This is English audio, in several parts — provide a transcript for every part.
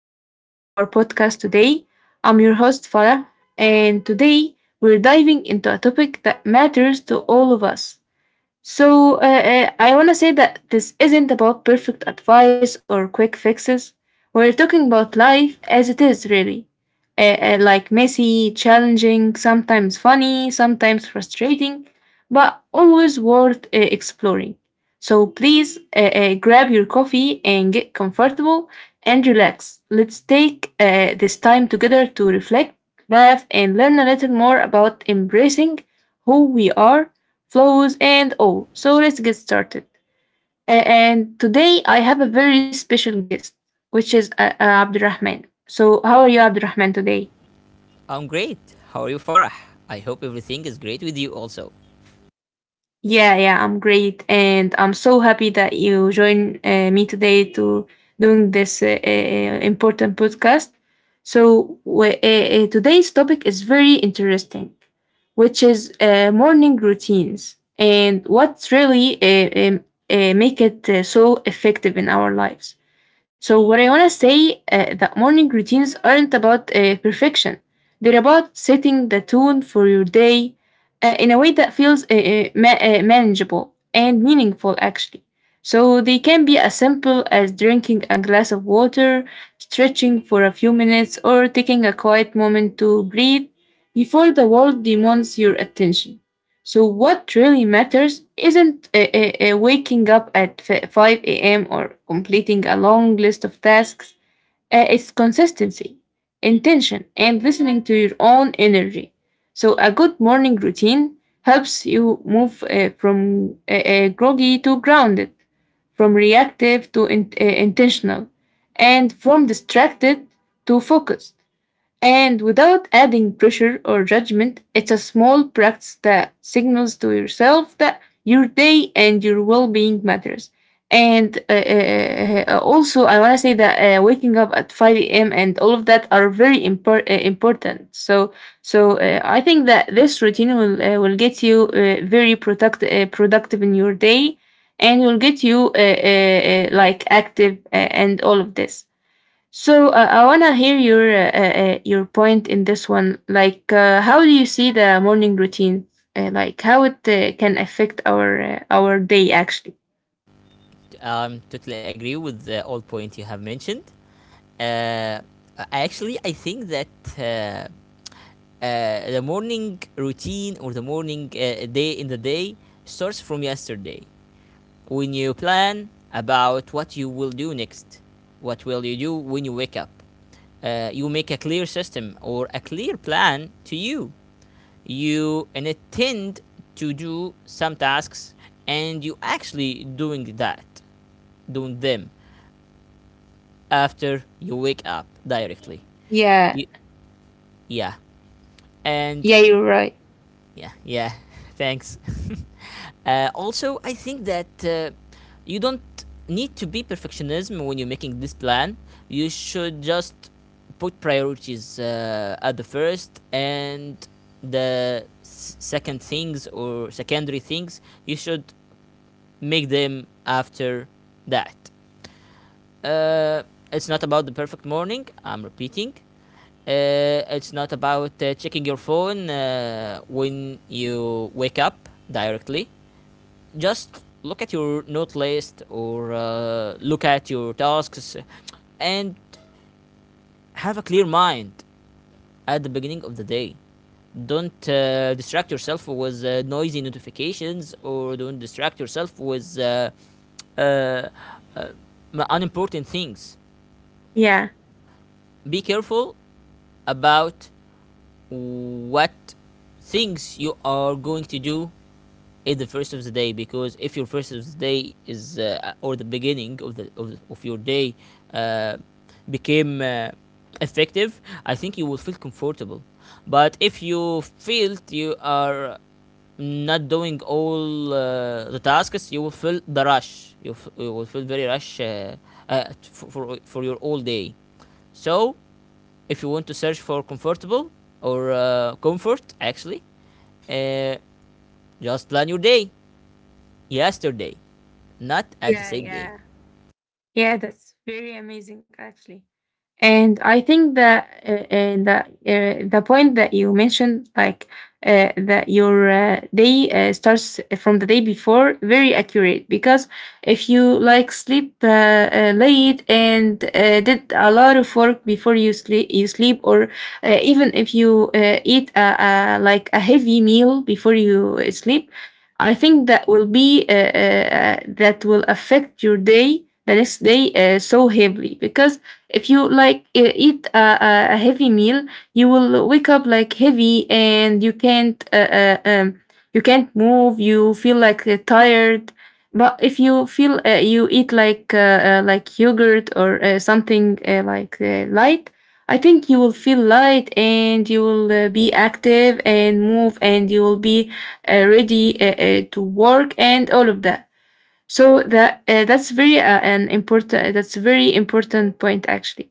back to our podcast today. I'm your host Farah, and today we're diving into a topic that matters to all of us. I want to say that this isn't about perfect advice or quick fixes. We're talking about life as it is, really. Like messy, challenging, sometimes funny, sometimes frustrating, but always worth exploring. So please grab your coffee and get comfortable and relax. Let's take this time together to reflect, laugh, and learn a little more about embracing who we are, flows, and all. So let's get started. And today I have a very special guest, which is Abdurrahman. So, how are you, Abdurrahman, today? I'm great. How are you, Farah? I hope everything is great with you also. Yeah, yeah, I'm great, and I'm so happy that you join me today to doing this important podcast. So today's topic is very interesting, which is morning routines and what really make it so effective in our lives. So what I want to say that morning routines aren't about perfection; they're about setting the tone for your day in a way that feels manageable and meaningful, actually. So they can be as simple as drinking a glass of water, stretching for a few minutes, or taking a quiet moment to breathe before the world demands your attention. So what really matters isn't waking up at 5 a.m. or completing a long list of tasks. It's consistency, intention, and listening to your own energy. So, a good morning routine helps you move from groggy to grounded, from reactive to intentional, and from distracted to focused. And without adding pressure or judgment, it's a small practice that signals to yourself that your day and your well being matters. And also, I want to say that waking up at 5 a.m. and all of that are very important. So, I think that this routine will get you very productive in your day, and will get you like active and all of this. So I wanna hear your point in this one. Like, how do you see the morning routine? Like, how it can affect our day actually? Totally agree with the all point you have mentioned. Uh, actually, I think that uh, the morning routine or the morning day in the day starts from yesterday. When you plan about what you will do next, what will you do when you wake up, you make a clear system or a clear plan to you. You intend to do some tasks and you actually doing them after you wake up directly. Yeah, Y- yeah and yeah, you're right. yeah, yeah. Thanks. Also, I think that you don't need to be perfectionism when you're making this plan. You should just put priorities at the first, and the second things or secondary things, you should make them after that. Uh, it's not about the perfect morning. I'm repeating. It's not about checking your phone when you wake up directly. Just look at your note list or look at your tasks and have a clear mind at the beginning of the day. Don't distract yourself with noisy notifications, or don't distract yourself with uh, uh, unimportant things. Yeah, Be careful about what things you are going to do in the first of the day, because if your first of the day is, or the beginning of the of your day uh, became effective, I think you will feel comfortable. But if you feel you are not doing all the tasks, you will feel the rush. You will feel very rush for your all day. So if you want to search for comfortable, or comfort, actually, uh, just plan your day yesterday, not at the yeah, same day. yeah, yeah, That's very amazing actually. And I think that the point that you mentioned, like that your day starts from the day before, very accurate. Because if you like sleep late and did a lot of work before you sleep, or even if you eat like a heavy meal before you sleep, I think that will be that will affect your day the next day so heavily, because if you like eat a heavy meal, you will wake up like heavy and you can't move, you feel like tired. But if you feel you eat like yogurt or something like light, I think you will feel light and you will be active and move, and you will be ready to work and all of that. So that that's very an important that's a very important point actually.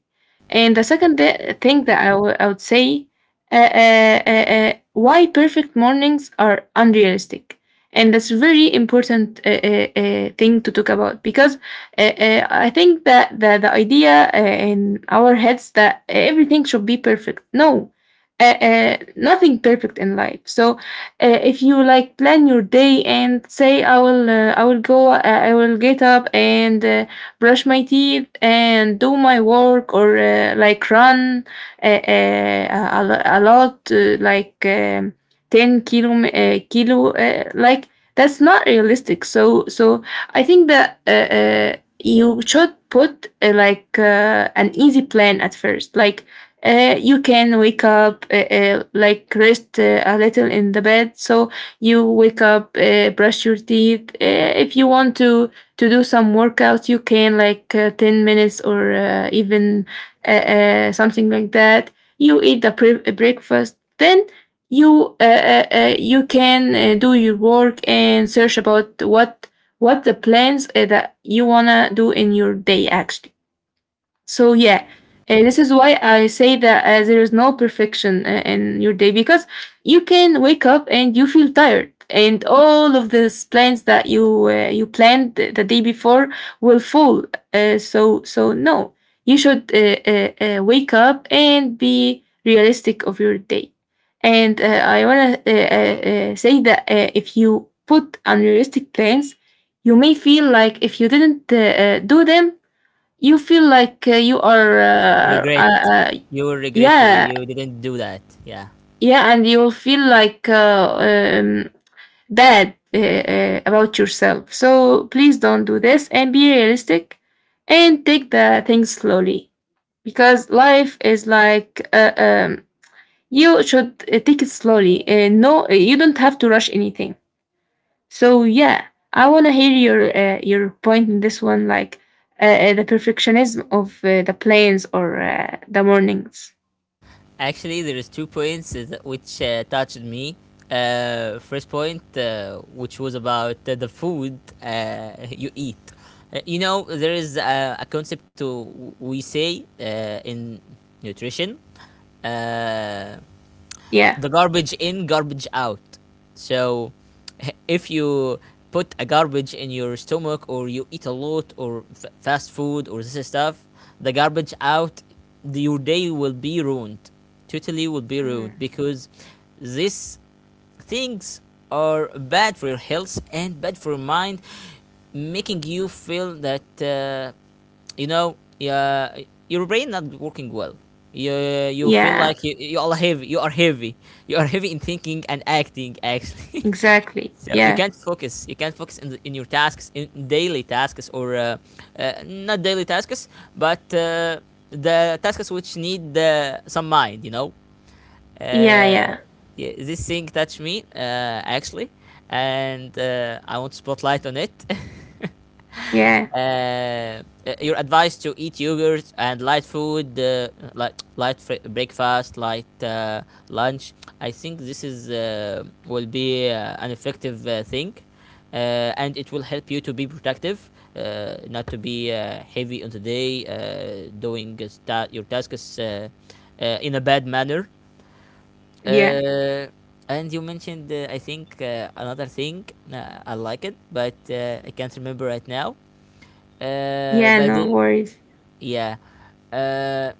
And the second thing that I would say, why perfect mornings are unrealistic, and that's a very important thing to talk about, because I think that the idea in our heads that everything should be perfect. No, nothing perfect in life. So if you like plan your day and say I will I will go I will get up and brush my teeth and do my work, or like run a lot like 10 kilo kilo like, that's not realistic. So I think that you should put like an easy plan at first, like you can wake up like rest a little in the bed. So you wake up, brush your teeth, if you want to do some workout you can like 10 minutes or even something like that. You eat the breakfast, then you you can do your work and search about what the plans that you wanna do in your day actually. So yeah, this is why I say that there is no perfection in your day, because you can wake up and you feel tired, and all of these plans that you you planned the day before will fall. So no, you should wake up and be realistic of your day. And I wanna say that if you put unrealistic plans, you may feel like if you didn't do them, you feel like you are Regret. uh, You will regret to yeah, you didn't do that. Yeah. yeah, and you'll feel like bad about yourself. So please don't do this and be realistic and take the things slowly, because life is like you should take it slowly. No, you don't have to rush anything. So yeah, I want to hear your point in this one, like the perfectionism of the planes or the mornings. Actually, there is 2 points which touched me. First point, which was about the food you eat. You know, there is a concept to we say in nutrition. Uh, Yeah. the garbage in, garbage out. So if you put a garbage in your stomach, or you eat a lot, or fast food or this stuff, the garbage out, your day will be ruined. Totally will be ruined, Mm. because this things are bad for your health and bad for your mind, making you feel that, you know, uh, your brain not working well. you you feel Yeah, like you all heavy, you are heavy. You are heavy in thinking and acting actually. exactly. So you Yeah, can't focus. You can't focus in your tasks, in daily tasks, or not daily tasks, but the tasks which need some mind, you know. yeah, uh, yeah, yeah, this thing touched me actually, and I want to spotlight on it. uh, yeah, uh, your advice to eat yogurt and light food, light breakfast, light lunch. I think this is will be an effective thing, and it will help you to be productive, not to be heavy on the day, doing your tasks in a bad manner. yeah, Uh, and you mentioned, I think, another thing. I like it, but I can't remember right now. Yeah. But No worries. yeah, uh,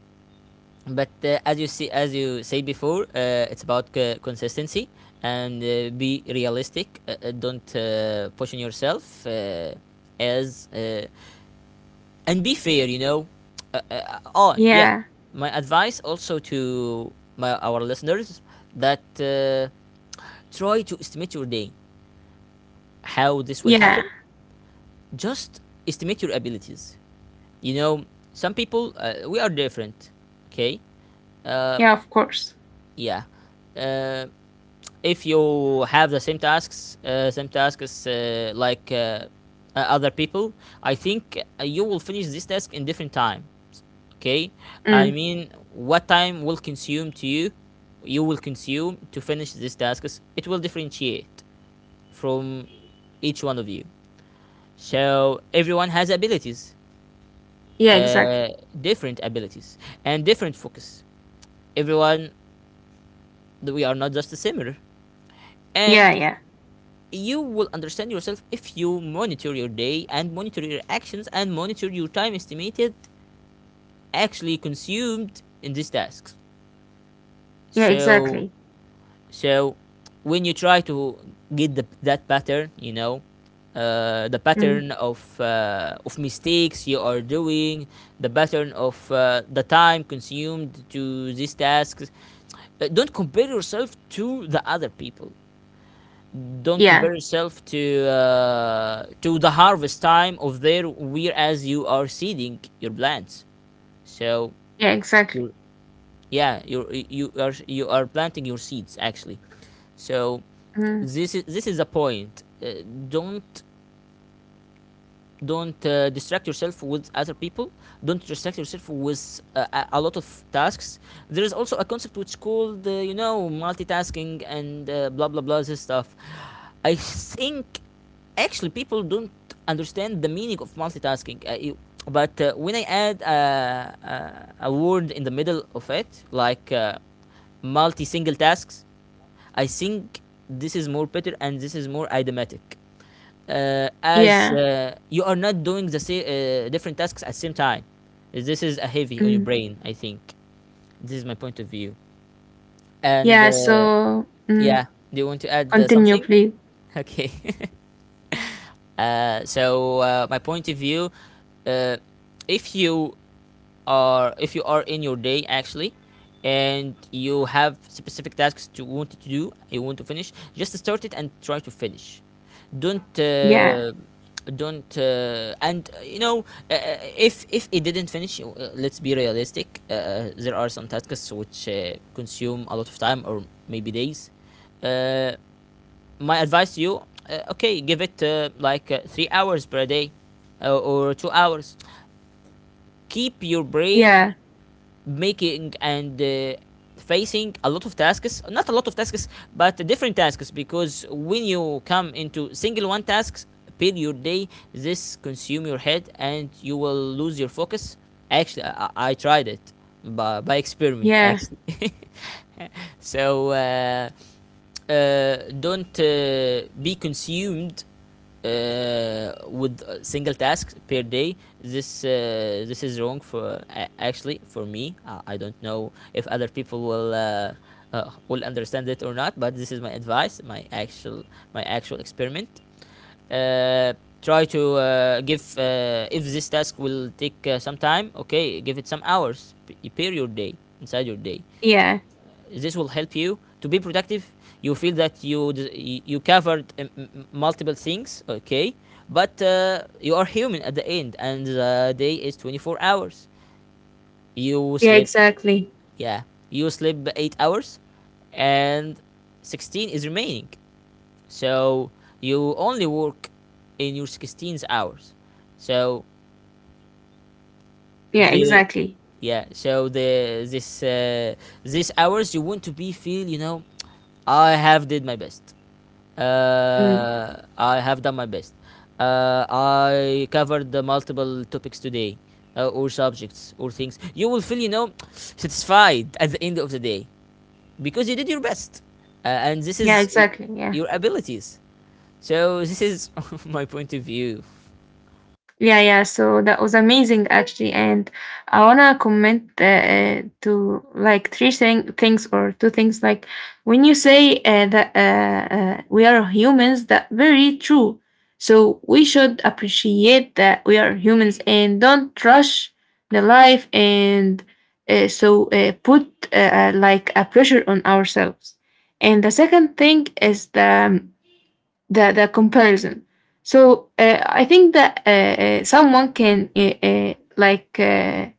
but As you see, as you say before, it's about consistency and be realistic. Don't push on yourself, as and be fair. You know. Oh yeah, Yeah, my advice also to my our listeners that. Try to estimate your day. How this will yeah, happen? Just estimate your abilities. You know, some people we are different. Okay. Uh, yeah. Of course. yeah. Uh, if you have the same tasks, other people, I think you will finish this task in different time. Okay, I Mm. mean, what time will consume to you, you will consume to finish these tasks, it will differentiate from each one of you. So everyone has abilities, Yeah, uh, exactly. different abilities and different focus. Everyone, we are not just similar, Yeah, and yeah, you will understand yourself if you monitor your day and monitor your actions and monitor your time estimated actually consumed in these tasks. yeah, So exactly. So when you try to get that pattern, you know, the Mm. pattern of mistakes you are doing, the pattern of the time consumed to these tasks. Don't compare yourself to the other people. Don't Yeah, compare yourself to the harvest time of their whereas you are seeding your plants. So yeah, exactly. your yeah you are planting your seeds actually. So Mm. This is a point. Uh, don't don't uh, distract yourself with other people. Don't distract yourself with lot of tasks. There is also a concept which is called, you know, multitasking and blah blah blah this stuff. I think actually people don't understand the meaning of multitasking, but when I add a word in the middle of it, like multi single tasks, I think this is more better and this is more idiomatic, as Yeah, you are not doing the same different tasks at the same time. This is a heavy on your mm, brain. I think this is my point of view. And yeah. So yeah, mm. do you want to add Continue, something? please. Okay. So my point of view, uh, if you if you are in your day actually, and you have specific tasks to want to do, you want to finish, just start it and try to finish. Don't. Yeah, And you know, if it didn't finish let's be realistic. There are some tasks which consume a lot of time or maybe days. uh, my advice to you, okay, give it 3 hours per day, or 2 hours. Keep your brain yeah, making and facing a lot of tasks not a lot of tasks, but different tasks, because when you come into single one tasks per your day, this consume your head and you will lose your focus. Actually, I tried it by experiment yeah. actually. So uh, don't be consumed uh, with single tasks per day. This this is wrong for, actually for me. I don't know if other people will understand it or not, but this is my advice, my actual experiment. uh, Try to give if this task will take some time, okay, give it some hours per your day, inside your day. Yeah. This will help you to be productive. You feel that you covered multiple things, okay. But you are human at the end, and the day is 24 hours. You Yeah, sleep, exactly. yeah, you sleep 8 hours, and 16 is remaining. So you only work in your 16 hours. So Yeah, the exactly. yeah so the this uh, these hours you want to be feel, you know, I have did my best. Mm. I have done my best. I covered the multiple topics today, or subjects, or things. You will feel, you know, satisfied at the end of the day because you did your best, and this Yeah, is exactly. Yeah. your abilities. So this is my point of view. Yeah, yeah. So that was amazing, actually. And I wanna comment to like three things or two things. Like, when you say that we are humans, that very true. So we should appreciate that we are humans and don't rush the life and put like a pressure on ourselves. And the second thing is the comparison. So I think that someone can like uh,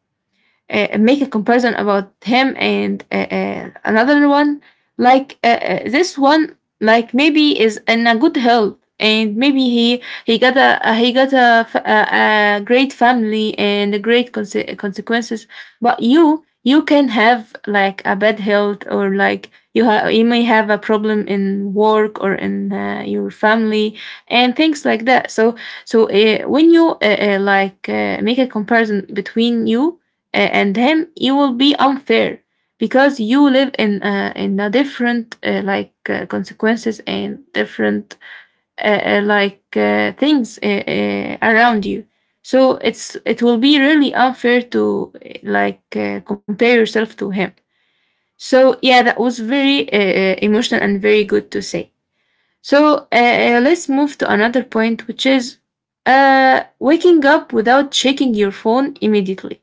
uh, uh, make a comparison about him and another one, like this one, like maybe is in a good health and maybe he got a he got a a great family and a great consequences, but you can have like a bad health, or like you you may have a problem in work or in your family and things like that. So so when you like make a comparison between you and him, you will be unfair because you live in a different like consequences, and different like things around you. So it's, it will be really unfair to like compare yourself to him. So yeah, that was very emotional and very good to say. So let's move to another point, which is waking up without checking your phone immediately.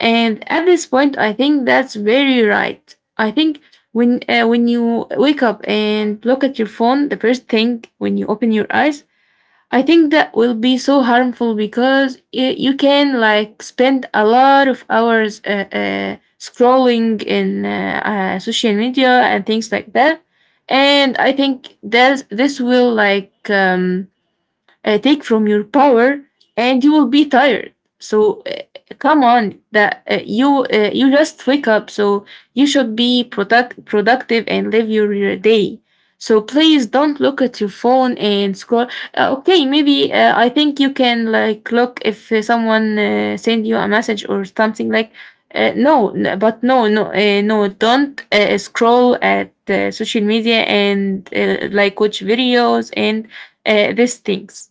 And at this point, I think that's very right. I think when you wake up and look at your phone, the first thing when you open your eyes, I think that will be so harmful because you can like spend a lot of hours scrolling in social media and things like that. And I think that this will like take from your power and you will be tired. So come on that you you just wake up, so you should be productive and live your day. So please don't look at your phone and scroll. Okay, maybe I think you can like look if someone send you a message or something like no n- but no, no, don't scroll at social media and like watch videos and these things.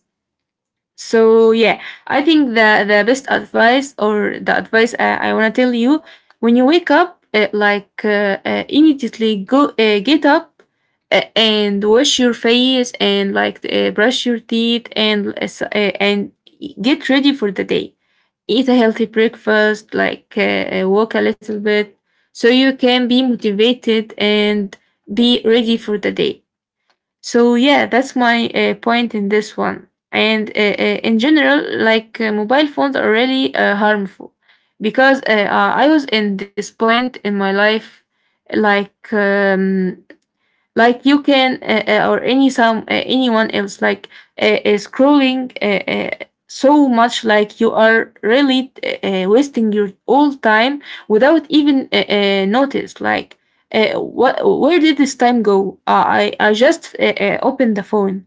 So yeah, I think the best advice or the advice I wanna tell you, when you wake up, like immediately go get up and wash your face and like brush your teeth and and get ready for the day. Eat a healthy breakfast, like walk a little bit, so you can be motivated and be ready for the day. So yeah, that's my point in this one. And in general, mobile phones are really harmful because I was in this point in my life, like um, like you can or any some anyone else scrolling so much like you are really wasting your all time without even notice like what where did this time go . I just opened the phone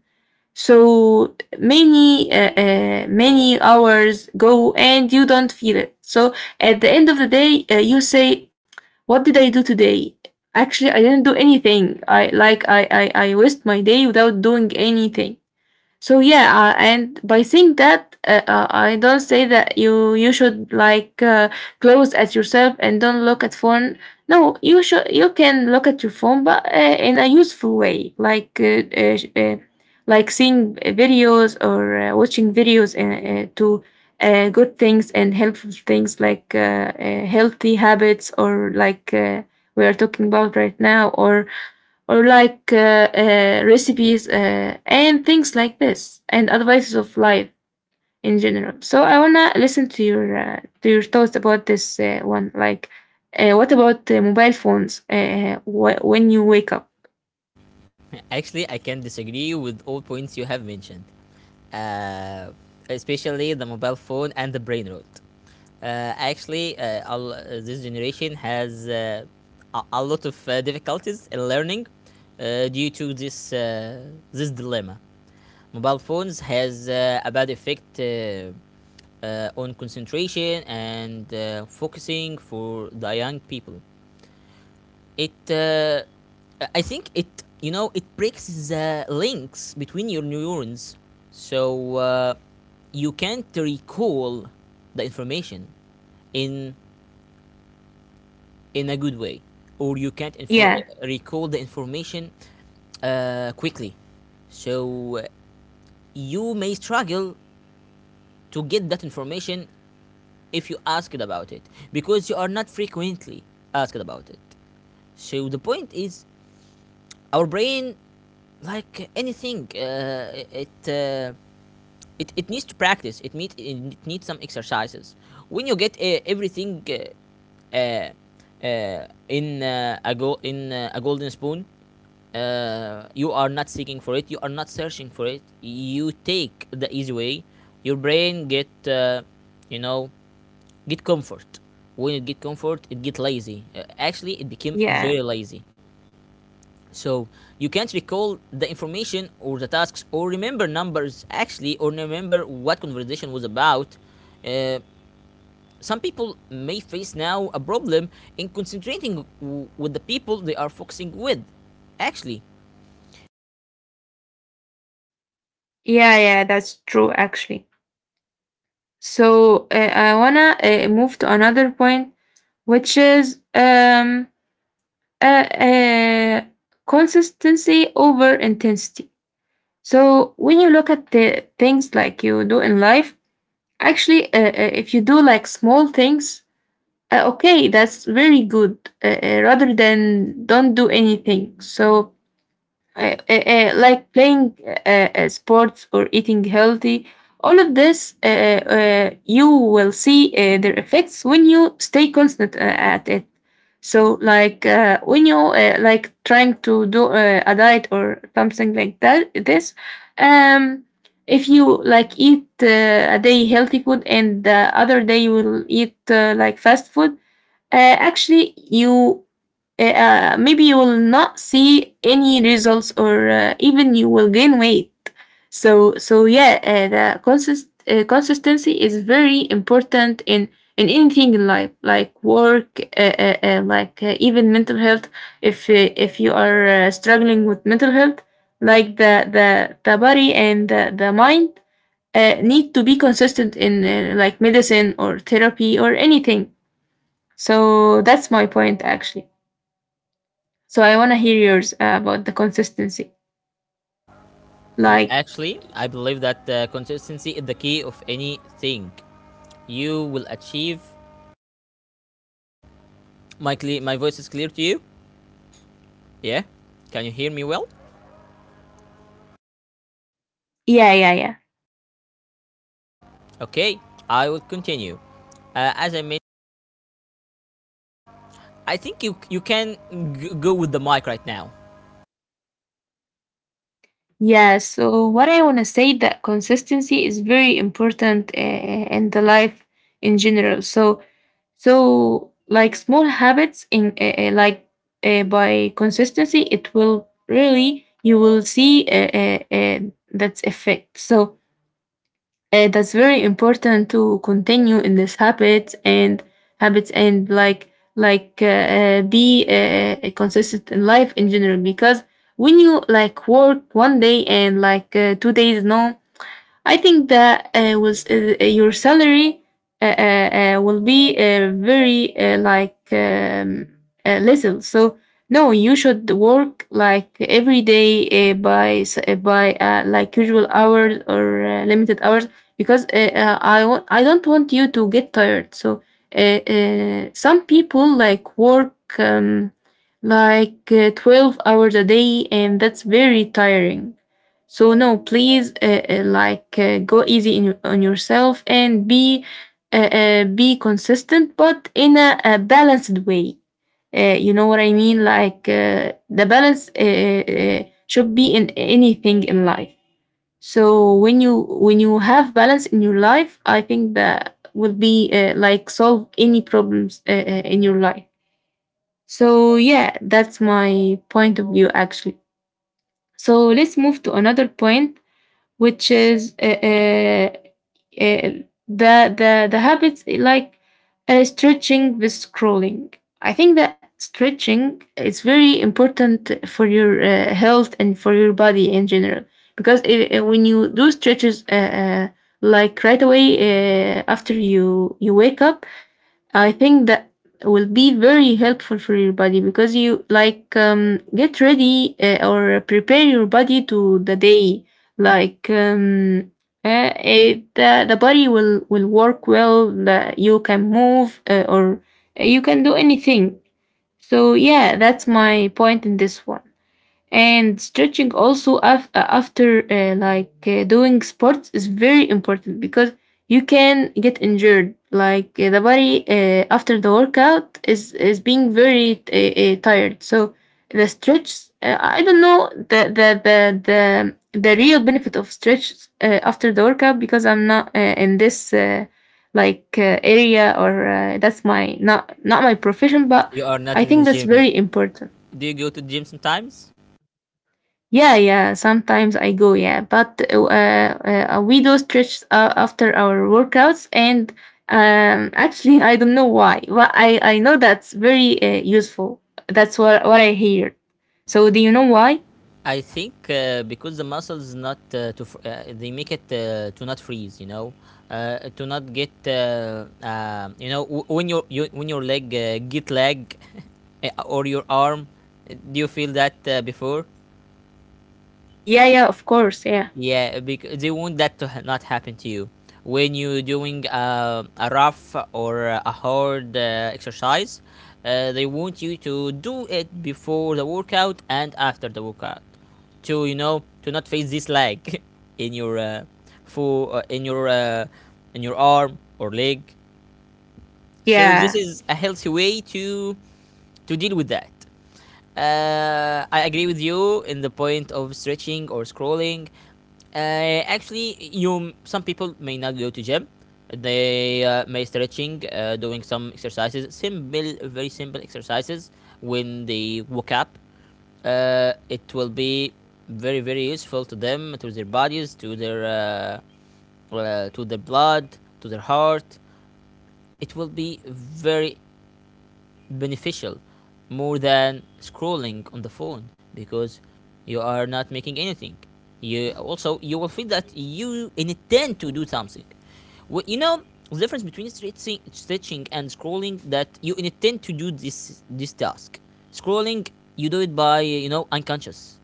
so many many hours go and you don't feel it, so at the end of the day you say, what did I do today? Actually I didn't do anything, I like I waste my day without doing anything. So yeah, and by saying that, I don't say that you should close at yourself and don't look at phone. No, you can look at your phone, but in a useful way, like like seeing videos or watching videos to good things and helpful things like healthy habits or we are talking about right now, or recipes and things like this and advices of life in general. So I wanna listen to your thoughts about this one, like what about mobile phones when you wake up. Actually, I can disagree with all points you have mentioned, uh, especially the mobile phone and the brain rot. Actually, all, this generation has a lot of difficulties in learning due to this dilemma. Mobile phones has a bad effect on concentration and focusing for the young people. It uh, i think it, you know, it breaks the links between your neurons. So you can't recall the information in in a good way, or you can't yeah recall the information quickly. So you may struggle to get that information if you ask about it, because you are not frequently asked about it. So the point is, our brain, like anything, it it needs to practice. It needs some exercises. When you get everything, in a go in a golden spoon, you are not seeking for it, you are not searching for it, you take the easy way. Your brain get, you know, get comfort. When it get comfort, it get lazy, actually it became yeah very lazy. So you can't recall the information or the tasks or remember numbers actually, or remember what conversation was about. Uh, some people may face now a problem in concentrating with the people they are focusing with. Actually, yeah, that's true actually. So I wanna move to another point, which is uh, uh, consistency over intensity. So when you look at the things like you do in life, actually, if you do like small things, okay, that's very good. Rather than don't do anything. So like playing sports or eating healthy. All of this, you will see their effects when you stay constant at it. So, like when you like trying to do a diet or something like that, this, um, if you like eat a day healthy food and the other day you will eat like fast food, actually you maybe you will not see any results or even you will gain weight. So so yeah, consistency is very important in anything in life like work like even mental health. If if you are struggling with mental health, like the body and the mind need to be consistent in like medicine or therapy or anything. So that's my point actually. So I want to hear yours about the consistency. um, Like, actually, I believe that consistency is the key of anything you will achieve. My voice is clear to you? Yeah, can you hear me well? yeah, yeah, yeah. Okay, I will continue. As I mentioned, I think you can go with the mic right now. Yeah, so what I want to say that consistency is very important in the life in general. So so like small habits in like by consistency, it will really you will see uh, uh, that's effect. So that's very important to continue in this habit and habits and like like uh, be consistent in life in general because when you like work one day and like two days no, I think that was your salary will be very little. So no, you should work like every day by like usual hours or limited hours, because I want I don't want you to get tired. So some people like work. 12 hours a day, and that's very tiring. So no, please go easy in, on yourself and be consistent, but in a balanced way. You know what I mean? Like the balance should be in anything in life. So when you have balance in your life, I think that will be like solve any problems in your life. So yeah, that's my point of view actually. So let's move to another point, which is uh, the habits, like stretching with scrolling. I think that stretching is very important for your health and for your body in general, because when you do stretches like right away after you wake up, I think that will be very helpful for your body, because you like get ready or prepare your body to the day. Like the body will work well. You can move or you can do anything. So yeah, that's my point in this one. And stretching also after doing sports is very important, because you can get injured, like the body after the workout is being very tired. So the stretch I don't know the real benefit of stretch after the workout, because I'm not in this area or that's my not my profession, but You are not I in the think that's gym. very important. Do you go to the gym sometimes? Yeah, yeah. Sometimes I go, yeah. But we do stretch after our workouts, and actually, I don't know why, but I know that's very useful. That's what I hear. So do you know why? I think because the muscles, not to fr- they make it to not freeze, you know, to not get you know when when your leg get leg or your arm. Do you feel that before? Yeah, yeah. Of course. Yeah, Yeah, because they want that to not happen to you. When you're doing a rough or a hard exercise, they want you to do it before the workout and after the workout, to, you know, to not face this lag in your for uh, in your uh, in your arm or leg. So this yeah, is a healthy way to deal with that. I agree with you in the point of stretching or scrolling. Actually, you, some people may not go to gym. They may stretching, doing some exercises, simple, very simple exercises when they woke up. It will be very, very useful to them, to their bodies, to their, to the blood, to their heart. It will be very beneficial, more than scrolling on the phone, because you are not making anything. You also, you will feel that you intend to do something. Well, you know the difference between stretching and scrolling, that you intend to do this task. Scrolling, you do it by, you know, unconscious,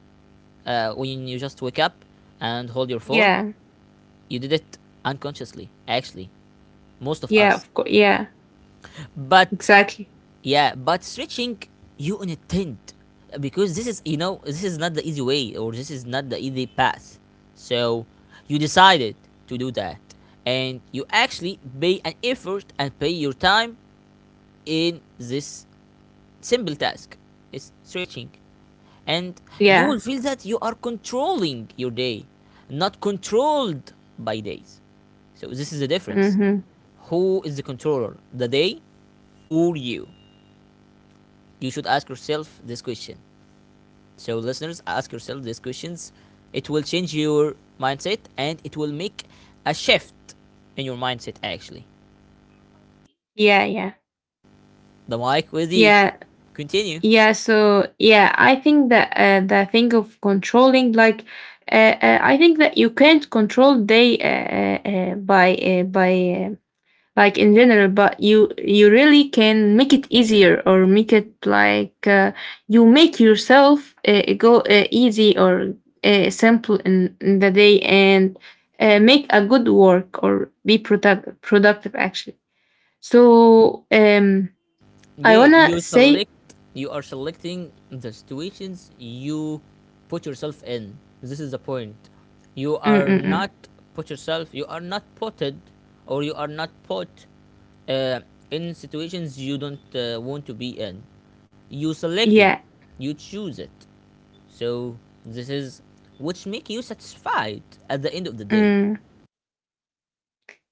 when you just wake up and hold your phone. yeah, You did it unconsciously, actually, most of yeah. us. Of course. Yeah, But exactly. yeah, but stretching, you on a tent, because this is, you know, this is not the easy way or this is not the easy path. So you decided to do that, and you actually pay an effort and pay your time in this simple task. It's stretching. And you Yeah. will feel that you are controlling your day, not controlled by days. So this is the difference. Mm-hmm. Who is the controller? The day or you? You should ask yourself this question. So, listeners, ask yourself these questions. It will change your mindset, and it will make a shift in your mindset, actually. Yeah, yeah, The mic with you. yeah. Continue. Yeah, so yeah, I think that the thing of controlling, like, I think that you can't control day by like in general, but you really can make it easier or make it like you make yourself go easy or simple in the day, and make a good work or be productive actually. So I Yeah, wanna you say, select, you are selecting the situations you put yourself in. This is the point. You mm are mm not mm. put yourself, you are not putted, or you are not put uh, in situations you don't want to be in. You selected, yeah. you choose it. So this is which make you satisfied at the end of the day. Mm,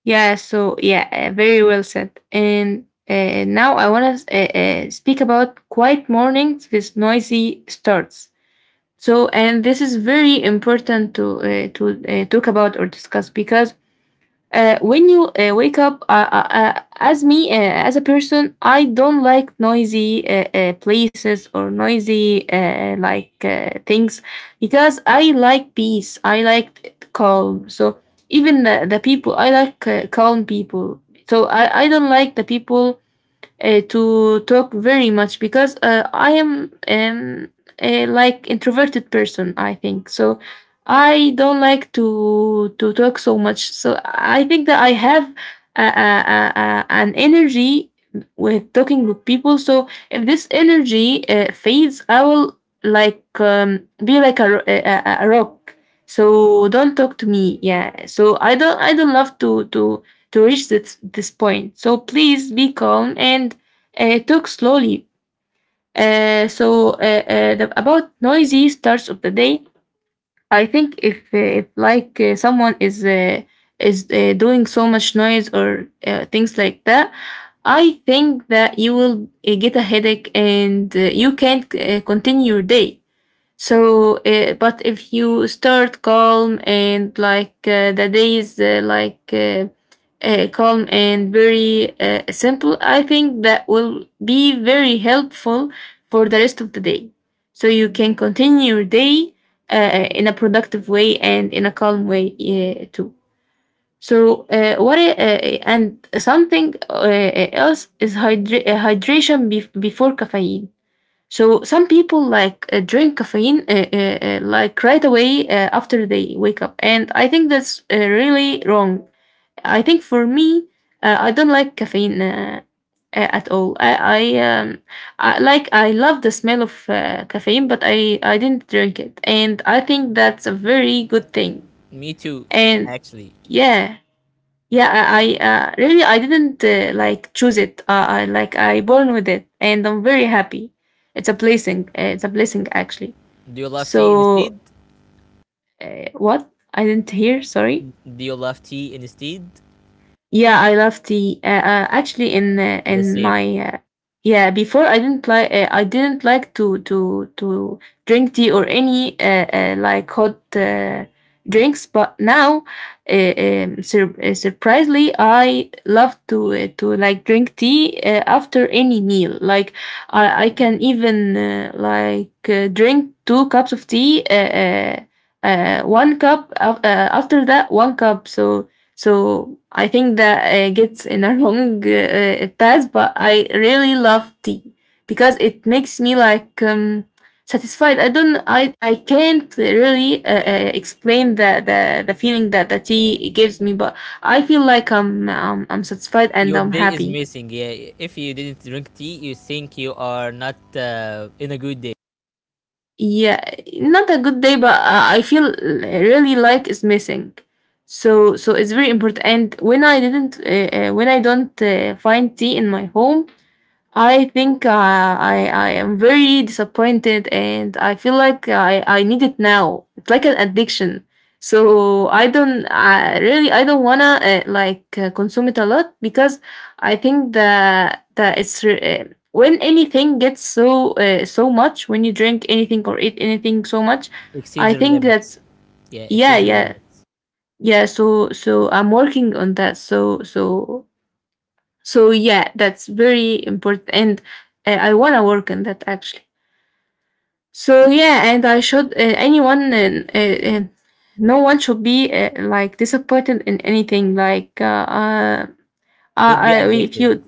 yeah, so yeah, very well said. And now I want to speak about quiet mornings with noisy starts. So, and this is very important to talk about or discuss, because when you wake up, as me, as a person, I don't like noisy places or noisy things, because I like peace. I like calm. So even the people, I like calm people. So I don't like the people to talk very much, because I am a, like introverted person. I think so. I don't like to talk so much. So I think that I have an energy with talking with people. So if this energy fades, I will like be like a, ro- a rock. So don't talk to me. Yeah. So I don't love to to reach this point. So please be calm, and talk slowly. About noisy starts of the day, I think if like someone is doing so much noise or things like that, I think that you will get a headache, and you can't continue your day. So, but if you start calm and like the day is calm and very simple, I think that will be very helpful for the rest of the day. So you can continue your day in a productive way and in a calm way too. So and something else is hydration before caffeine. So some people like drink caffeine like right away after they wake up, and I think that's really wrong. I think for me, I don't like caffeine at all. I, like I love the smell of caffeine, but I didn't drink it, and I think that's a very good thing. Me too, And actually. yeah, yeah, I really I didn't choose it. I like I born with it, and I'm very happy. It's a blessing. It's a blessing actually. Do you love tea So instead? What? I didn't hear. Sorry. Do you love tea instead? Yeah, I love tea. Actually, The in my same. Yeah, before I didn't like to to drink tea or any like hot drinks, but now, surprisingly, I love to like drink tea after any meal. Like I can even drink two cups of tea. One cup after that one cup, so I think that gets in a wrong path, but I really love tea because it makes me like satisfied. I don't, I can't really explain the feeling that the tea gives me, but I feel like I'm satisfied and Your I'm day is happy. missing. Yeah, if you didn't drink tea, you think you are not in a good day. Yeah, not a good day, but I feel really like it's missing. So it's very important. And when I didn't, when I don't find tea in my home. I think I am very disappointed, and I feel like I need it now. It's like an addiction. So I don't, I really, I don't wanna like consume it a lot, because I think that it's when anything gets so much, when you drink anything or eat anything so much, Exceed I your think limits. that. Yeah, Yeah, exceed your yeah, limits. yeah. So I'm working on that. So yeah, that's very important, and I wanna work on that actually. So yeah, and I should anyone no one should be like disappointed in anything. Like Don't be if addicted. you,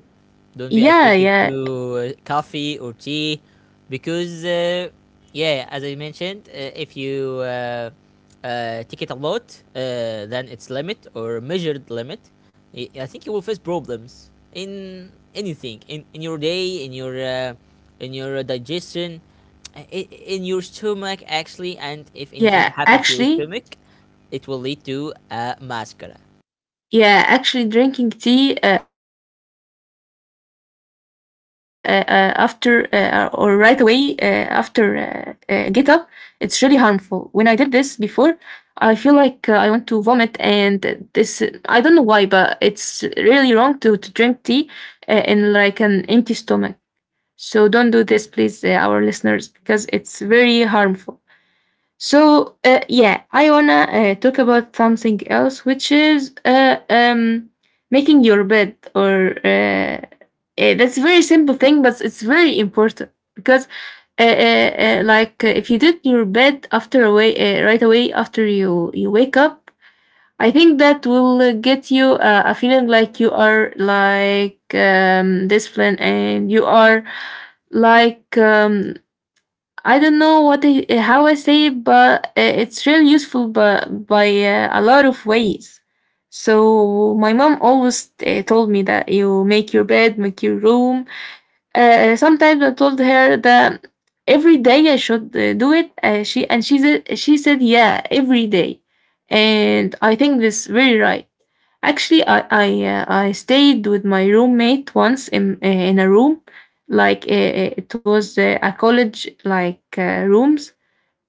Don't be yeah, addicted to yeah, coffee or tea, because yeah, as I mentioned, if you take it a lot, then its limit or measured limit, I think you will face problems in anything, in your day, in your digestion, in in your stomach, actually. And if anything yeah, happened to your actually. stomach, it will lead to a mascara. Yeah, actually, drinking tea after or right away after get up, it's really harmful. When I did this before, I feel like I want to vomit, and this I don't know why, but it's really wrong to drink tea in like an empty stomach. So don't do this, please, our listeners, because it's very harmful. So yeah, I wanna talk about something else, which is making your bed. Or that's a very simple thing, but it's very important because, like, if you did your bed after away right away after you wake up, I think that will get you a feeling like you are like disciplined and you are like I don't know how I say it, but it's really useful, but by a lot of ways. So my mom always told me that you make your bed, make your room. Sometimes I told her that every day I should do it. She said yeah, every day, and I think this very right. Actually, I stayed with my roommate once in a room, like it was a college like rooms,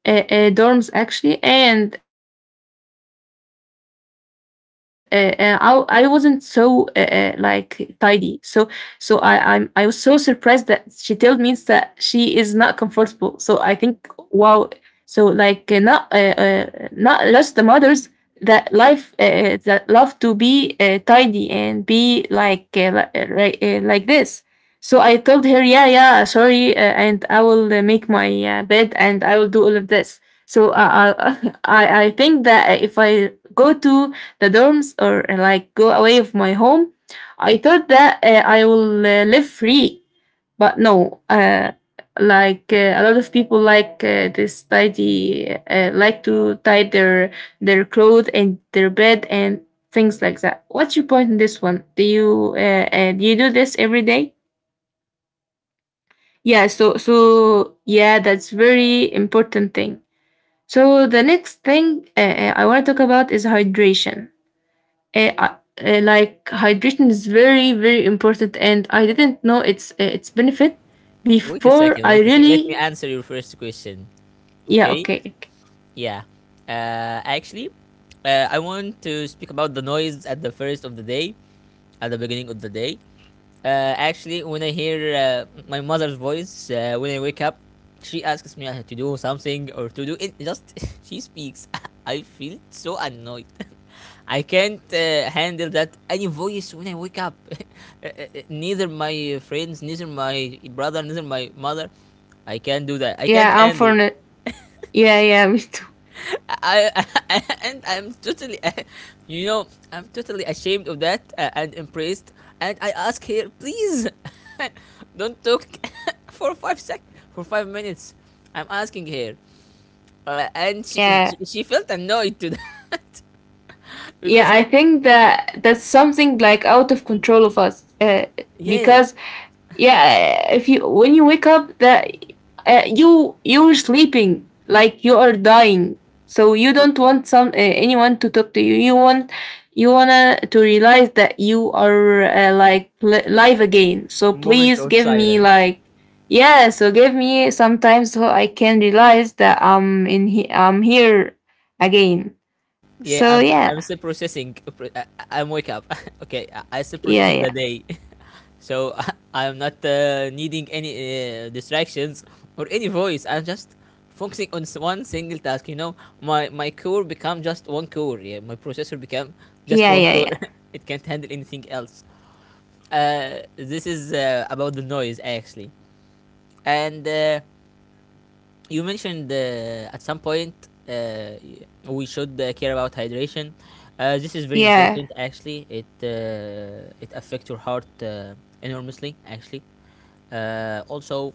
dorms actually, and I wasn't so like tidy. So I was so surprised that she told me that she is not comfortable. So I think, wow. So like not just the mothers that love to be tidy and be like like this. So I told her, yeah, yeah, sorry, and I will make my bed and I will do all of this. So I think that if I go to the dorms or like go away of my home, I thought that I will live free. But no, like a lot of people like this tidy, like to tie their clothes and their bed and things like that. What's your point in this one? Do you do this every day? Yeah, so yeah, that's very important thing. So the next thing I want to talk about is hydration. Uh, I- like hydration is very very important, and I didn't know its benefit Wait a before second, I wait a second, let me really. answer your first question. Yeah, Okay. okay, okay. Yeah. Actually, I want to speak about the noise at the first of the day, at the beginning of the day. Actually, when I hear my mother's voice when I wake up, she asks me to do something or to do it. Just she speaks. I feel so annoyed. I can't handle that, any voice when I wake up. Neither my friends, neither my brother, neither my mother. I can't do that. I can't Yeah, I'm for handle. it. Yeah, yeah, me too. I, I, and I'm totally, you know, I'm totally ashamed of that and impressed. And I ask here, please, don't talk for five sec for 5 minutes. I'm asking here, and she, Yeah, she she felt annoyed to yeah, because I think that that's something like out of control of us, yeah, because yeah, if you when you wake up, that you're sleeping like you are dying. So you don't want some anyone to talk to you want, you wanna to realize that you are live again. So moment please of give me silence. like. Yeah, so give me some time so I can realize that I'm here again. Yeah, So yeah, I'm still processing. I- I'm wake up. Okay, I- I'm still yeah, processing the yeah, day, so I'm not needing any distractions or any voice. I'm just focusing on one single task. You know, my core become just one core. Yeah, my processor become just yeah, one yeah, core. yeah, It can't handle anything else. This is about the noise, actually. And. You mentioned at some point uh, we should care about hydration. This is very yeah, important. Actually, it it affects your heart enormously. Actually, also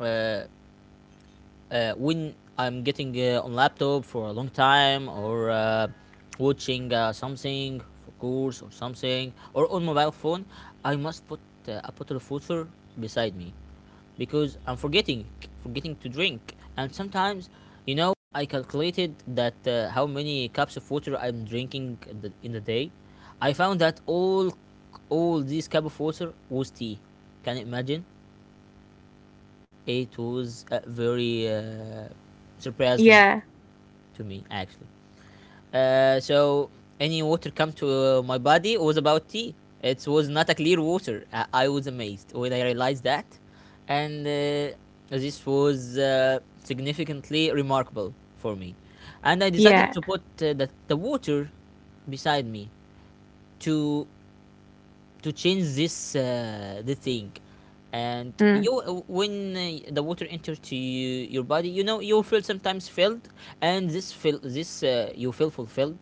uh, when I'm getting on laptop for a long time, or watching something for course or something, or on mobile phone, I must put a bottle of water beside me, because I'm forgetting to drink. And sometimes, you know, I calculated that how many cups of water I'm drinking in the day. I found that all these cup of water was tea. Can you imagine? It was very surprising yeah, to me, actually. So any water come to my body was about tea. It was not a clear water. I was amazed when I realized that, and this was significantly remarkable for me. And I decided yeah, to put the water beside me to change this the thing. and mm, you uh, when uh, the water enters to you, your body, you know, you feel sometimes filled. And this feel, this you feel fulfilled,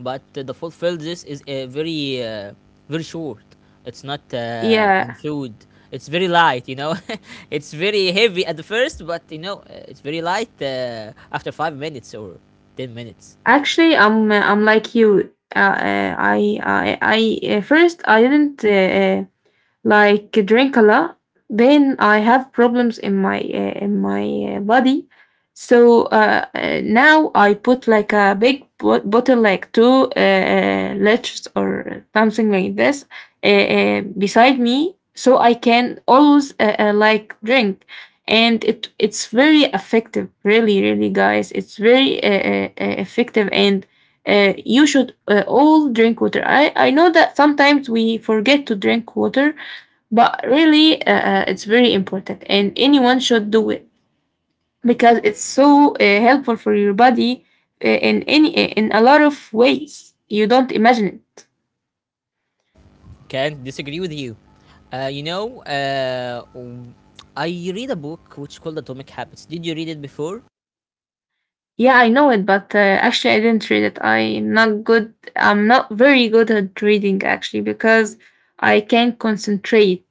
but the fulfilled, this is very short. It's not yeah. unfilled. It's very light, you know. It's very heavy at the first, but, you know, it's very light after 5 minutes or 10 minutes. Actually, I'm like you. I First, I didn't like drink a lot. Then I have problems in my body. So now I put like a big bottle like two liters or something like this, beside me so I can always like drink. And it's very effective. Really, really, guys, it's very effective, and you should all drink water. I know that sometimes we forget to drink water, but really it's very important, and anyone should do it, because it's so helpful for your body in any in a lot of ways you don't imagine it. Can't disagree with you. You know, I read a book which is called Atomic Habits. Did you read it before? Yeah, I know it, but actually I didn't read it. I'm not very good at reading actually, because I can't concentrate.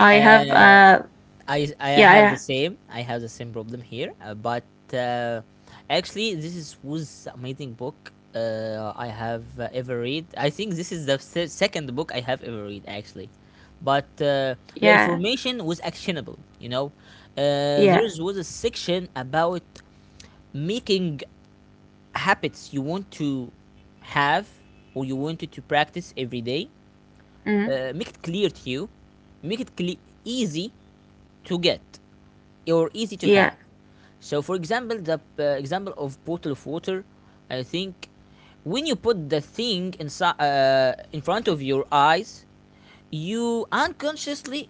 I have Uh, I yeah, have the yeah, same. I have the same problem here. But uh, actually, this is was amazing book I have ever read. I think this is the second book I have ever read, actually. But the yeah, information was actionable. You know, there yeah, was a section about making habits you want to have, or you wanted to practice every day, mm, make it clear to you, make it easy to get or easy to yeah, have. So, for example, the example of bottle of water, I think when you put the thing inside, in front of your eyes, you unconsciously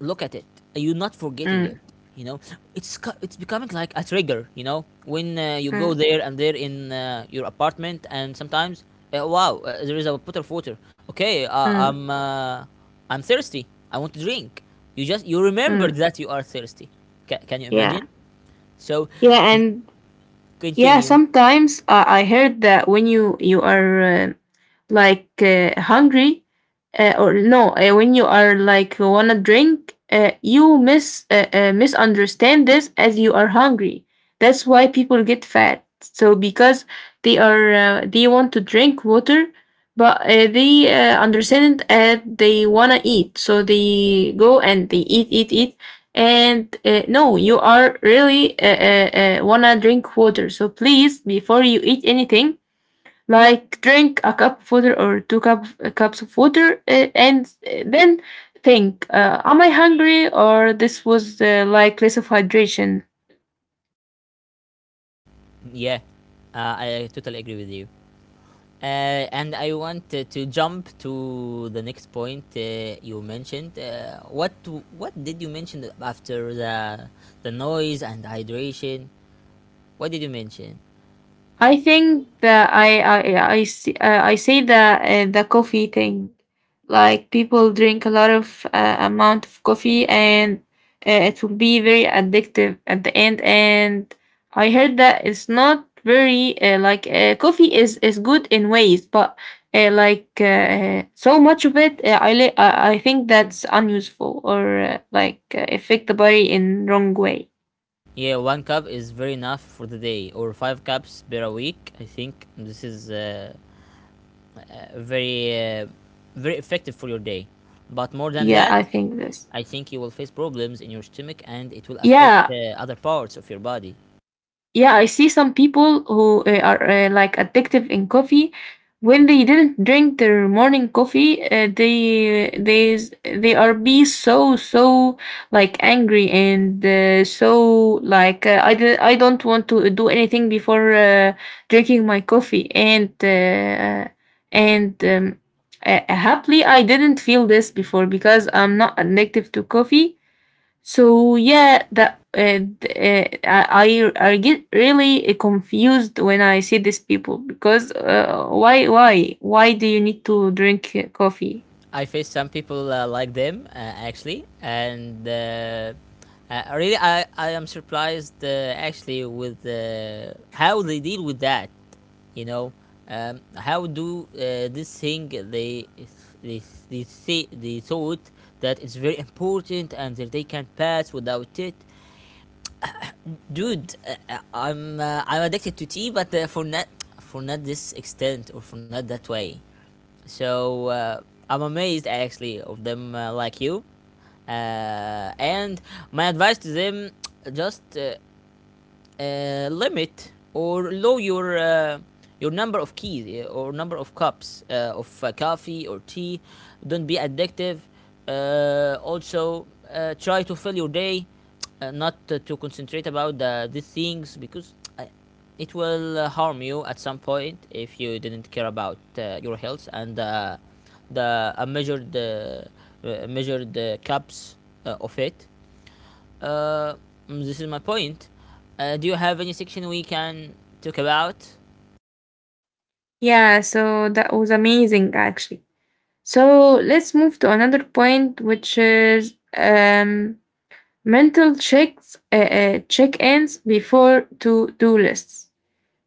look at it. You're not forgetting it. mm, You know, it's becoming like a trigger. You know, when you go mm, there and there in your apartment, and sometimes, wow, there is a bottle of water. Okay, mm, I'm thirsty. I want to drink. You just, you remember mm, that you are thirsty. Ca can you yeah, imagine? So yeah, and. Yeah, continue. sometimes I heard that when you are like hungry, or no, when you are like wanna drink, you misunderstand this as you are hungry. That's why people get fat. So because they are they want to drink water, but they understand it as they wanna eat. So they go and they eat, eat, eat, and no, you are really wanna drink water. So please, before you eat anything, like drink a cup of water or two cups of water, and then think: am I hungry, or this was like less of hydration? Yeah, I totally agree with you. And I want to jump to the next point you mentioned. What did you mention after the noise and hydration? What did you mention? I think that I say the coffee thing, like people drink a lot of amount of coffee, and it will be very addictive at the end. And I heard that it's not very like coffee is good in ways, but like so much of it, I li- I think that's unuseful or like affect the body in wrong way. Yeah, one cup is very enough for the day, or five cups per week. I think this is uh, very uh, very effective for your day. But more than Yeah, that, I think this. I think you will face problems in your stomach, and it will affect Yeah, other parts of your body. yeah, I see some people who are like addictive in coffee. When they didn't drink their morning coffee, they are be so like angry, and so like I don't want to do anything before drinking my coffee and happily I didn't feel this before because I'm not addictive to coffee. So yeah, that th- I get really confused when I see these people, because why do you need to drink coffee? I face some people like them, actually, and really, I am surprised actually with how they deal with that. You know, how do this thing they they they say, they thought that it's very important and that they can pass without it. Dude, I'm addicted to tea, but for not, for not this extent, or for not that way. So I'm amazed, actually, of them, like you. And my advice to them, just limit or low your number of keys, yeah, or number of cups of coffee or tea. Don't be addictive. Also, try to fill your day, not to, to concentrate about the, these things, because it will harm you at some point if you didn't care about your health and the measured cups of it. uh, this is my point. Do you have any section we can talk about? Yeah, so that was amazing actually. So let's move to another point, which is mental checks check-ins before to do lists.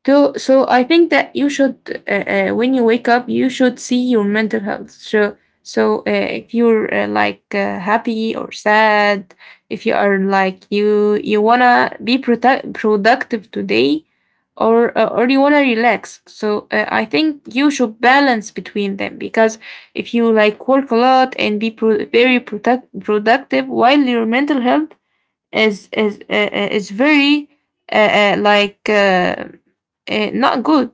So, I think that you should when you wake up, you should see your mental health, so if you're like happy or sad, if you are like you wanna be productive today, or you wanna relax, so I think you should balance between them, because if you like work a lot and be very productive while your mental health is very uh, uh, like uh, not good.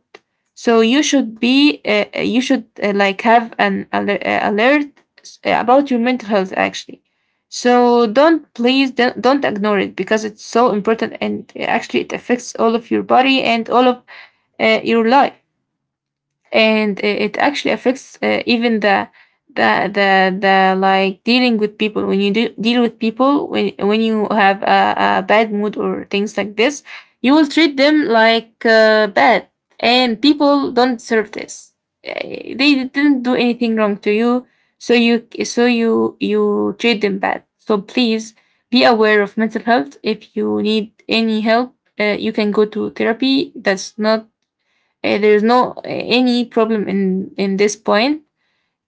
So you should like have an alert about your mental health actually. So don't, please, don't ignore it, because it's so important, and actually it affects all of your body and all of your life, and it actually affects even the like dealing with people when you do deal with people, when you have a bad mood or things like this, you will treat them like bad, and people don't deserve this. Eh, they didn't do anything wrong to you, so you treat them bad, so please be aware of mental health. If you need any help, you can go to therapy. That's not, there's no any problem in this point.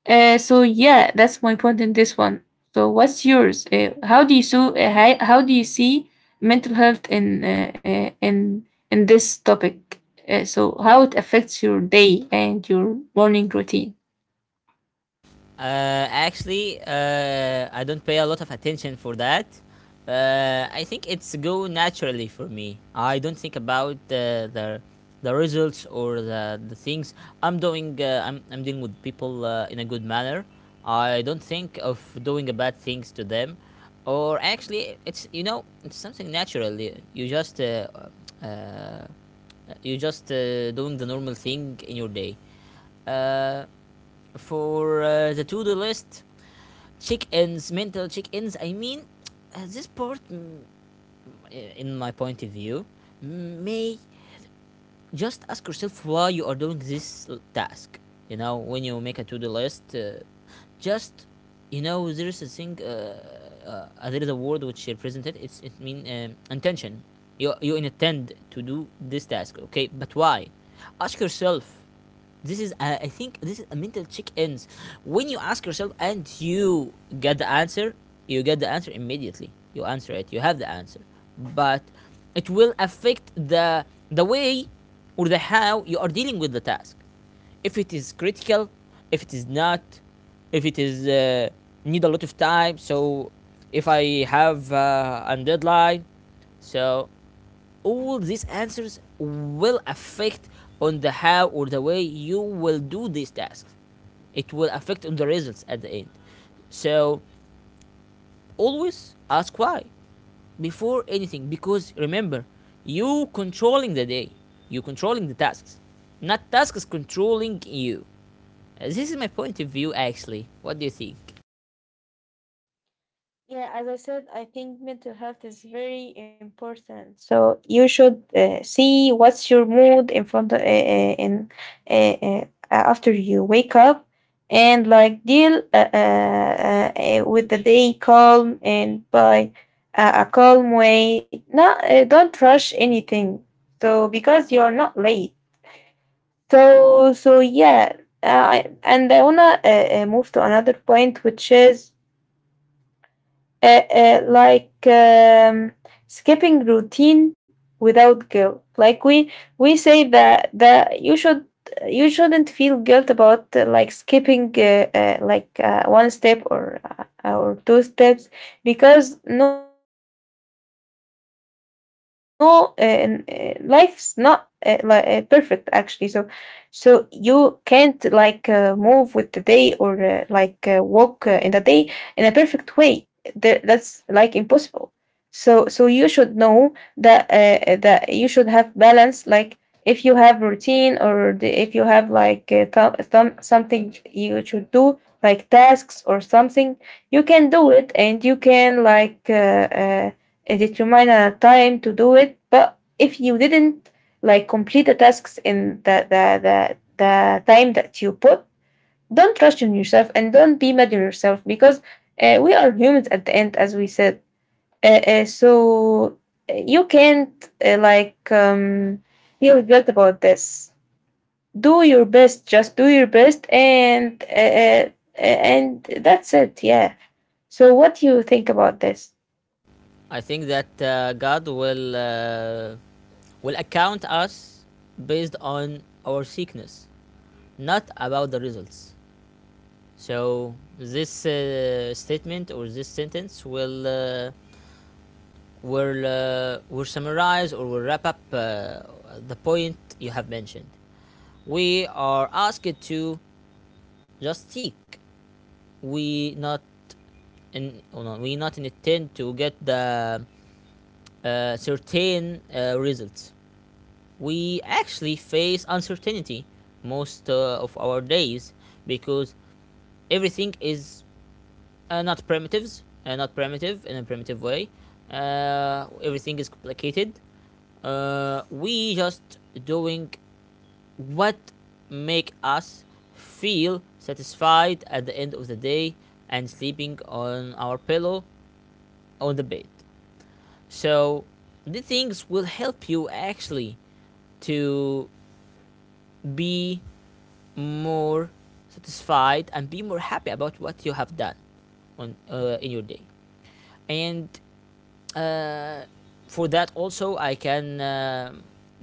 So yeah, that's my point in this one. So what's yours? How do you see mental health in in this topic? So how it affects your day and your morning routine? Actually, I don't pay a lot of attention for that. I think it's go naturally for me. I don't think about the results or the things I'm doing. I'm dealing with people in a good manner. I don't think of doing a bad things to them, or actually, it's it's something natural. Just uh, uh, you just doing the normal thing in your day. Uh, for the to-do list check-ins, mental check-ins I mean, this part, in my point of view, may just ask yourself why you are doing this task. When you make a to-do list, just, you know, there is a thing there is a word which represented it's it mean intention. You intend to do this task, okay, but why? Ask yourself. This is, I think, this is a mental check ins. When you ask yourself and you get the answer, you get the answer immediately. You answer it, you have the answer. But it will affect the way or the how you are dealing with the task. If it is critical, if it is not, if it is need a lot of time, so if I have a deadline, so all these answers will affect on the how or the way you will do these tasks. It will affect on the results at the end. So always ask why before anything, because remember, you controlling the day, you controlling the tasks, not tasks controlling you. This is my point of view. Actually, what do you think? Yeah, as I said, I think mental health is very important. So you should see what's your mood in front of, in uh, uh, after you wake up, and like deal with the day calm and by a calm way. Not Don't rush anything. So because you're not late. So yeah. Uh, and I wanna move to another point, which is uh, uh, like um, skipping routine without guilt. Like we say that you should you shouldn't feel guilt about like skipping one step or two steps because life's not perfect actually. So you can't like move with the day or like walk in the day in a perfect way; that's like impossible. So you should know that you should have balance. Like if you have routine, if you have like some something you should do like tasks or something, you can do it and you can uh, determine a time to do it. But if you didn't like complete the tasks in the time that you put, don't trust in yourself and don't be mad on yourself because we are humans at the end, as we said. So you can't feel guilt about this. Do your best, just do your best. And and that's it. Yeah, so what do you think about this? I think that God will account us based on our sickness, not about the results. So this statement or this sentence will will summarize or will wrap up the point you have mentioned. We are asked to just seek. We not in, oh no, we not intend to get the certain results. We actually face uncertainty most of our days, because everything is not primitive in a primitive way. Everything is complicated. We just doing what make us feel satisfied at the end of the day and sleeping on our pillow on the bed. So these things will help you actually to be more satisfied and be more happy about what you have done on in your day. And uh, for that also I can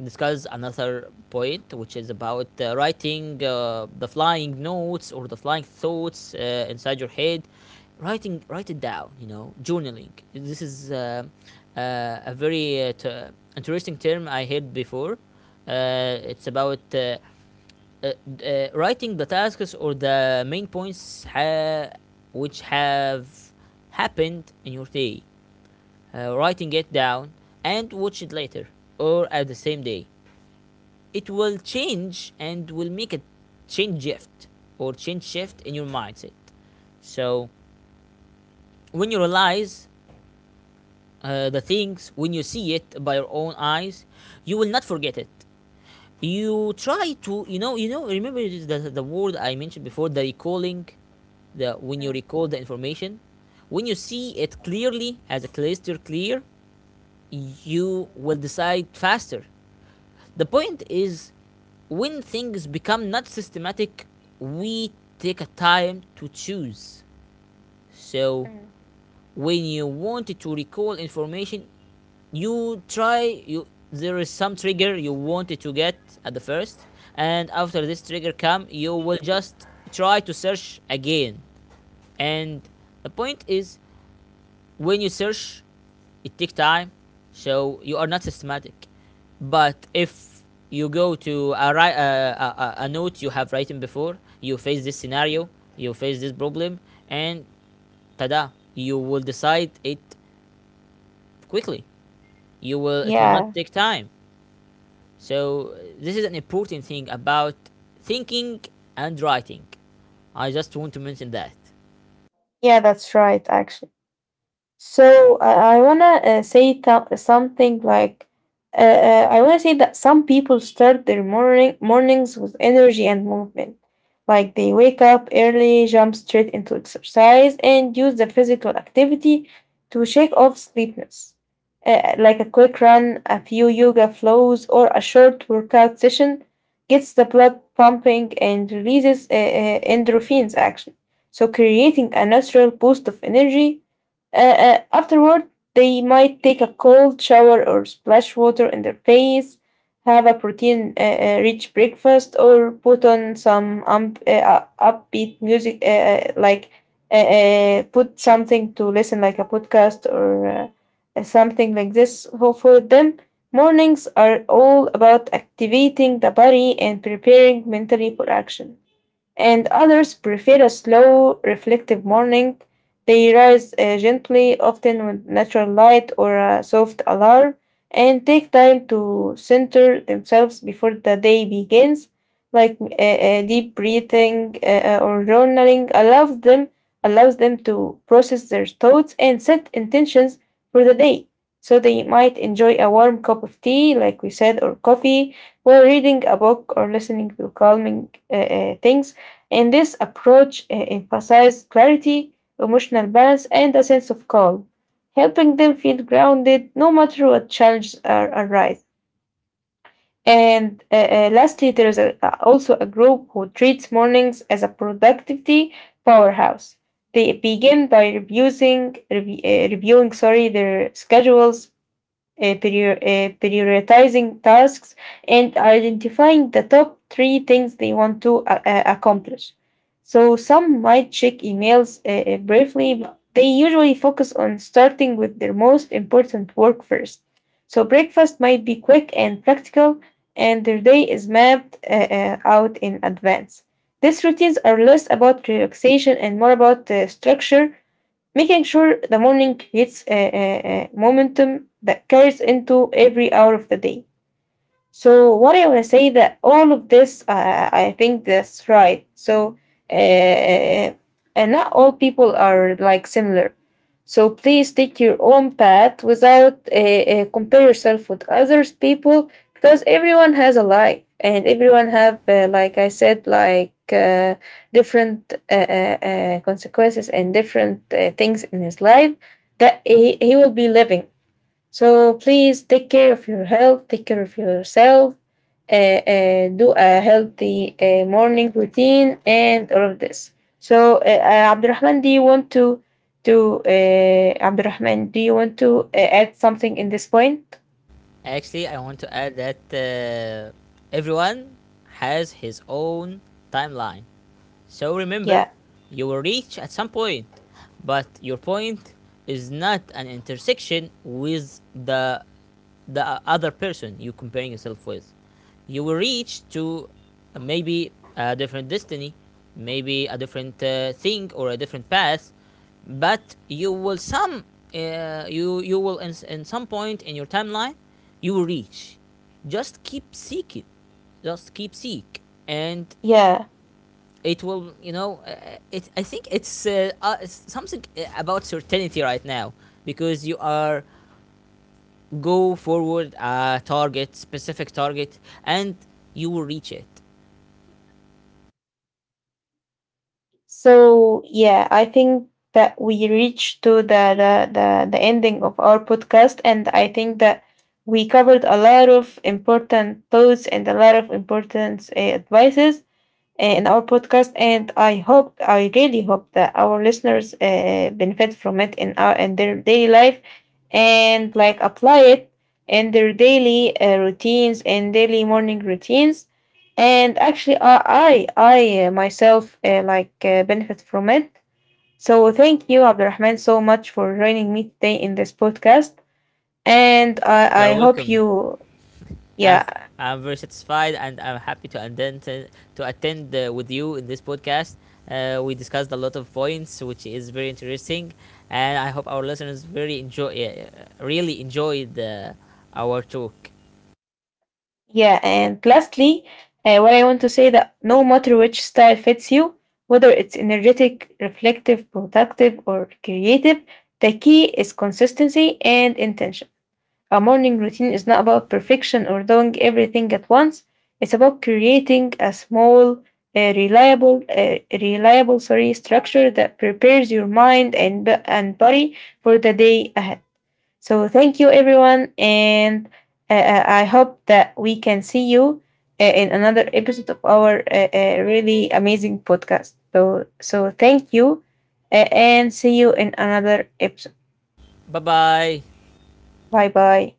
discuss another point, which is about writing the flying notes or the flying thoughts inside your head. Writing, write it down, you know, journaling. This is a very interesting term I heard before. It's about writing the tasks or the main points which have happened in your day. Writing it down, and watch it later or at the same day. It will change and will make a change shift change shift in your mindset. So when you realize the things, when you see it by your own eyes, you will not forget it. You try to, you know, Remember the word I mentioned before, the recalling, the when you recall the information, when you see it clearly as a cluster, clear, you will decide faster. The point is, when things become not systematic, we take a time to choose. So Mm-hmm. when you want to recall information, you try you there is some trigger you wanted to get at the first, and after this trigger come, you will just try to search again. And the point is, when you search, it takes time, so you are not systematic. But if you go to a, ri- a note you have written before, you face this scenario, you face this problem, and tada, you will decide it quickly. You will It will not yeah take time. So this is an important thing about thinking and writing. I just want to mention that. yeah, that's right actually. So I wanna say something like I wanna say that some people start their mornings with energy and movement. Like they wake up early, jump straight into exercise, and use the physical activity to shake off sleepiness. Like a quick run, a few yoga flows, or a short workout session gets the blood pumping and releases endorphins actually, so creating a natural boost of energy afterward. They might take a cold shower or splash water in their face, have a protein rich breakfast, or put on some upbeat music, like put something to listen, like a podcast or something like this. So for them, mornings are all about activating the body and preparing mentally for action. And others prefer a slow, reflective morning. They rise gently, often with natural light or a soft alarm, and take time to center themselves before the day begins. Like deep breathing or journaling allows them to process their thoughts and set intentions for the day. So they might enjoy a warm cup of tea, like we said, or coffee, while reading a book or listening to calming things. And this approach emphasized clarity, emotional balance, and a sense of calm, helping them feel grounded no matter what challenges arise. And lastly, there is a, also a group who treats mornings as a productivity powerhouse. They begin by reviewing, sorry, their schedules, prioritizing tasks, and identifying the top three things they want to accomplish. So some might check emails briefly, but they usually focus on starting with their most important work first. So breakfast might be quick and practical, and their day is mapped out in advance. These routines are less about relaxation and more about structure, making sure the morning creates a momentum that carries into every hour of the day. So what I wanna say that all of this, I think that's right. So uh, and not all people are like similar. So please take your own path without compare yourself with others people, because everyone has a life and everyone have like I said, different consequences and different things in his life that he will be living. So please take care of your health, take care of yourself. uh, do a healthy morning routine, and all of this. So, Abdurrahman, do you want to Abdurrahman, do you want to add something in this point? Actually, I want to add that everyone has his own timeline. So remember, Yeah, you will reach at some point, but your point is not an intersection with the other person you are comparing yourself with. You will reach to maybe a different destiny, maybe a different thing or a different path, but you will some you you will in some point in your timeline you will reach. Just keep seeking, just keep seek, and yeah. it will, you know, it, I think it's something about certainty right now, because you are go forward a target specific target and you will reach it. So yeah, I think that we reached to the ending of our podcast, and I think that we covered a lot of important thoughts and a lot of important advices in our podcast. And I hope, I really hope that our listeners benefit from it in, our, in their daily life and like apply it in their daily routines and daily morning routines. And actually, I myself like benefit from it. So thank you, Abdurrahman, so much for joining me today in this podcast. And You I are hope welcome. you, i'm yeah. I'm very satisfied and I'm happy to attend with you in this podcast. We discussed a lot of points which is very interesting, and I hope our listeners very enjoy, really enjoyed our talk. Yeah, and lastly, what I want to say that no matter which style fits you, whether it's energetic, reflective, productive, or creative, the key is consistency and intention. A morning routine is not about perfection or doing everything at once. It's about creating a small, reliable, sorry, structure that prepares your mind and and body for the day ahead. So thank you, everyone, and I hope that we can see you in another episode of our really amazing podcast. So thank you, and see you in another episode. Bye bye. Bye bye.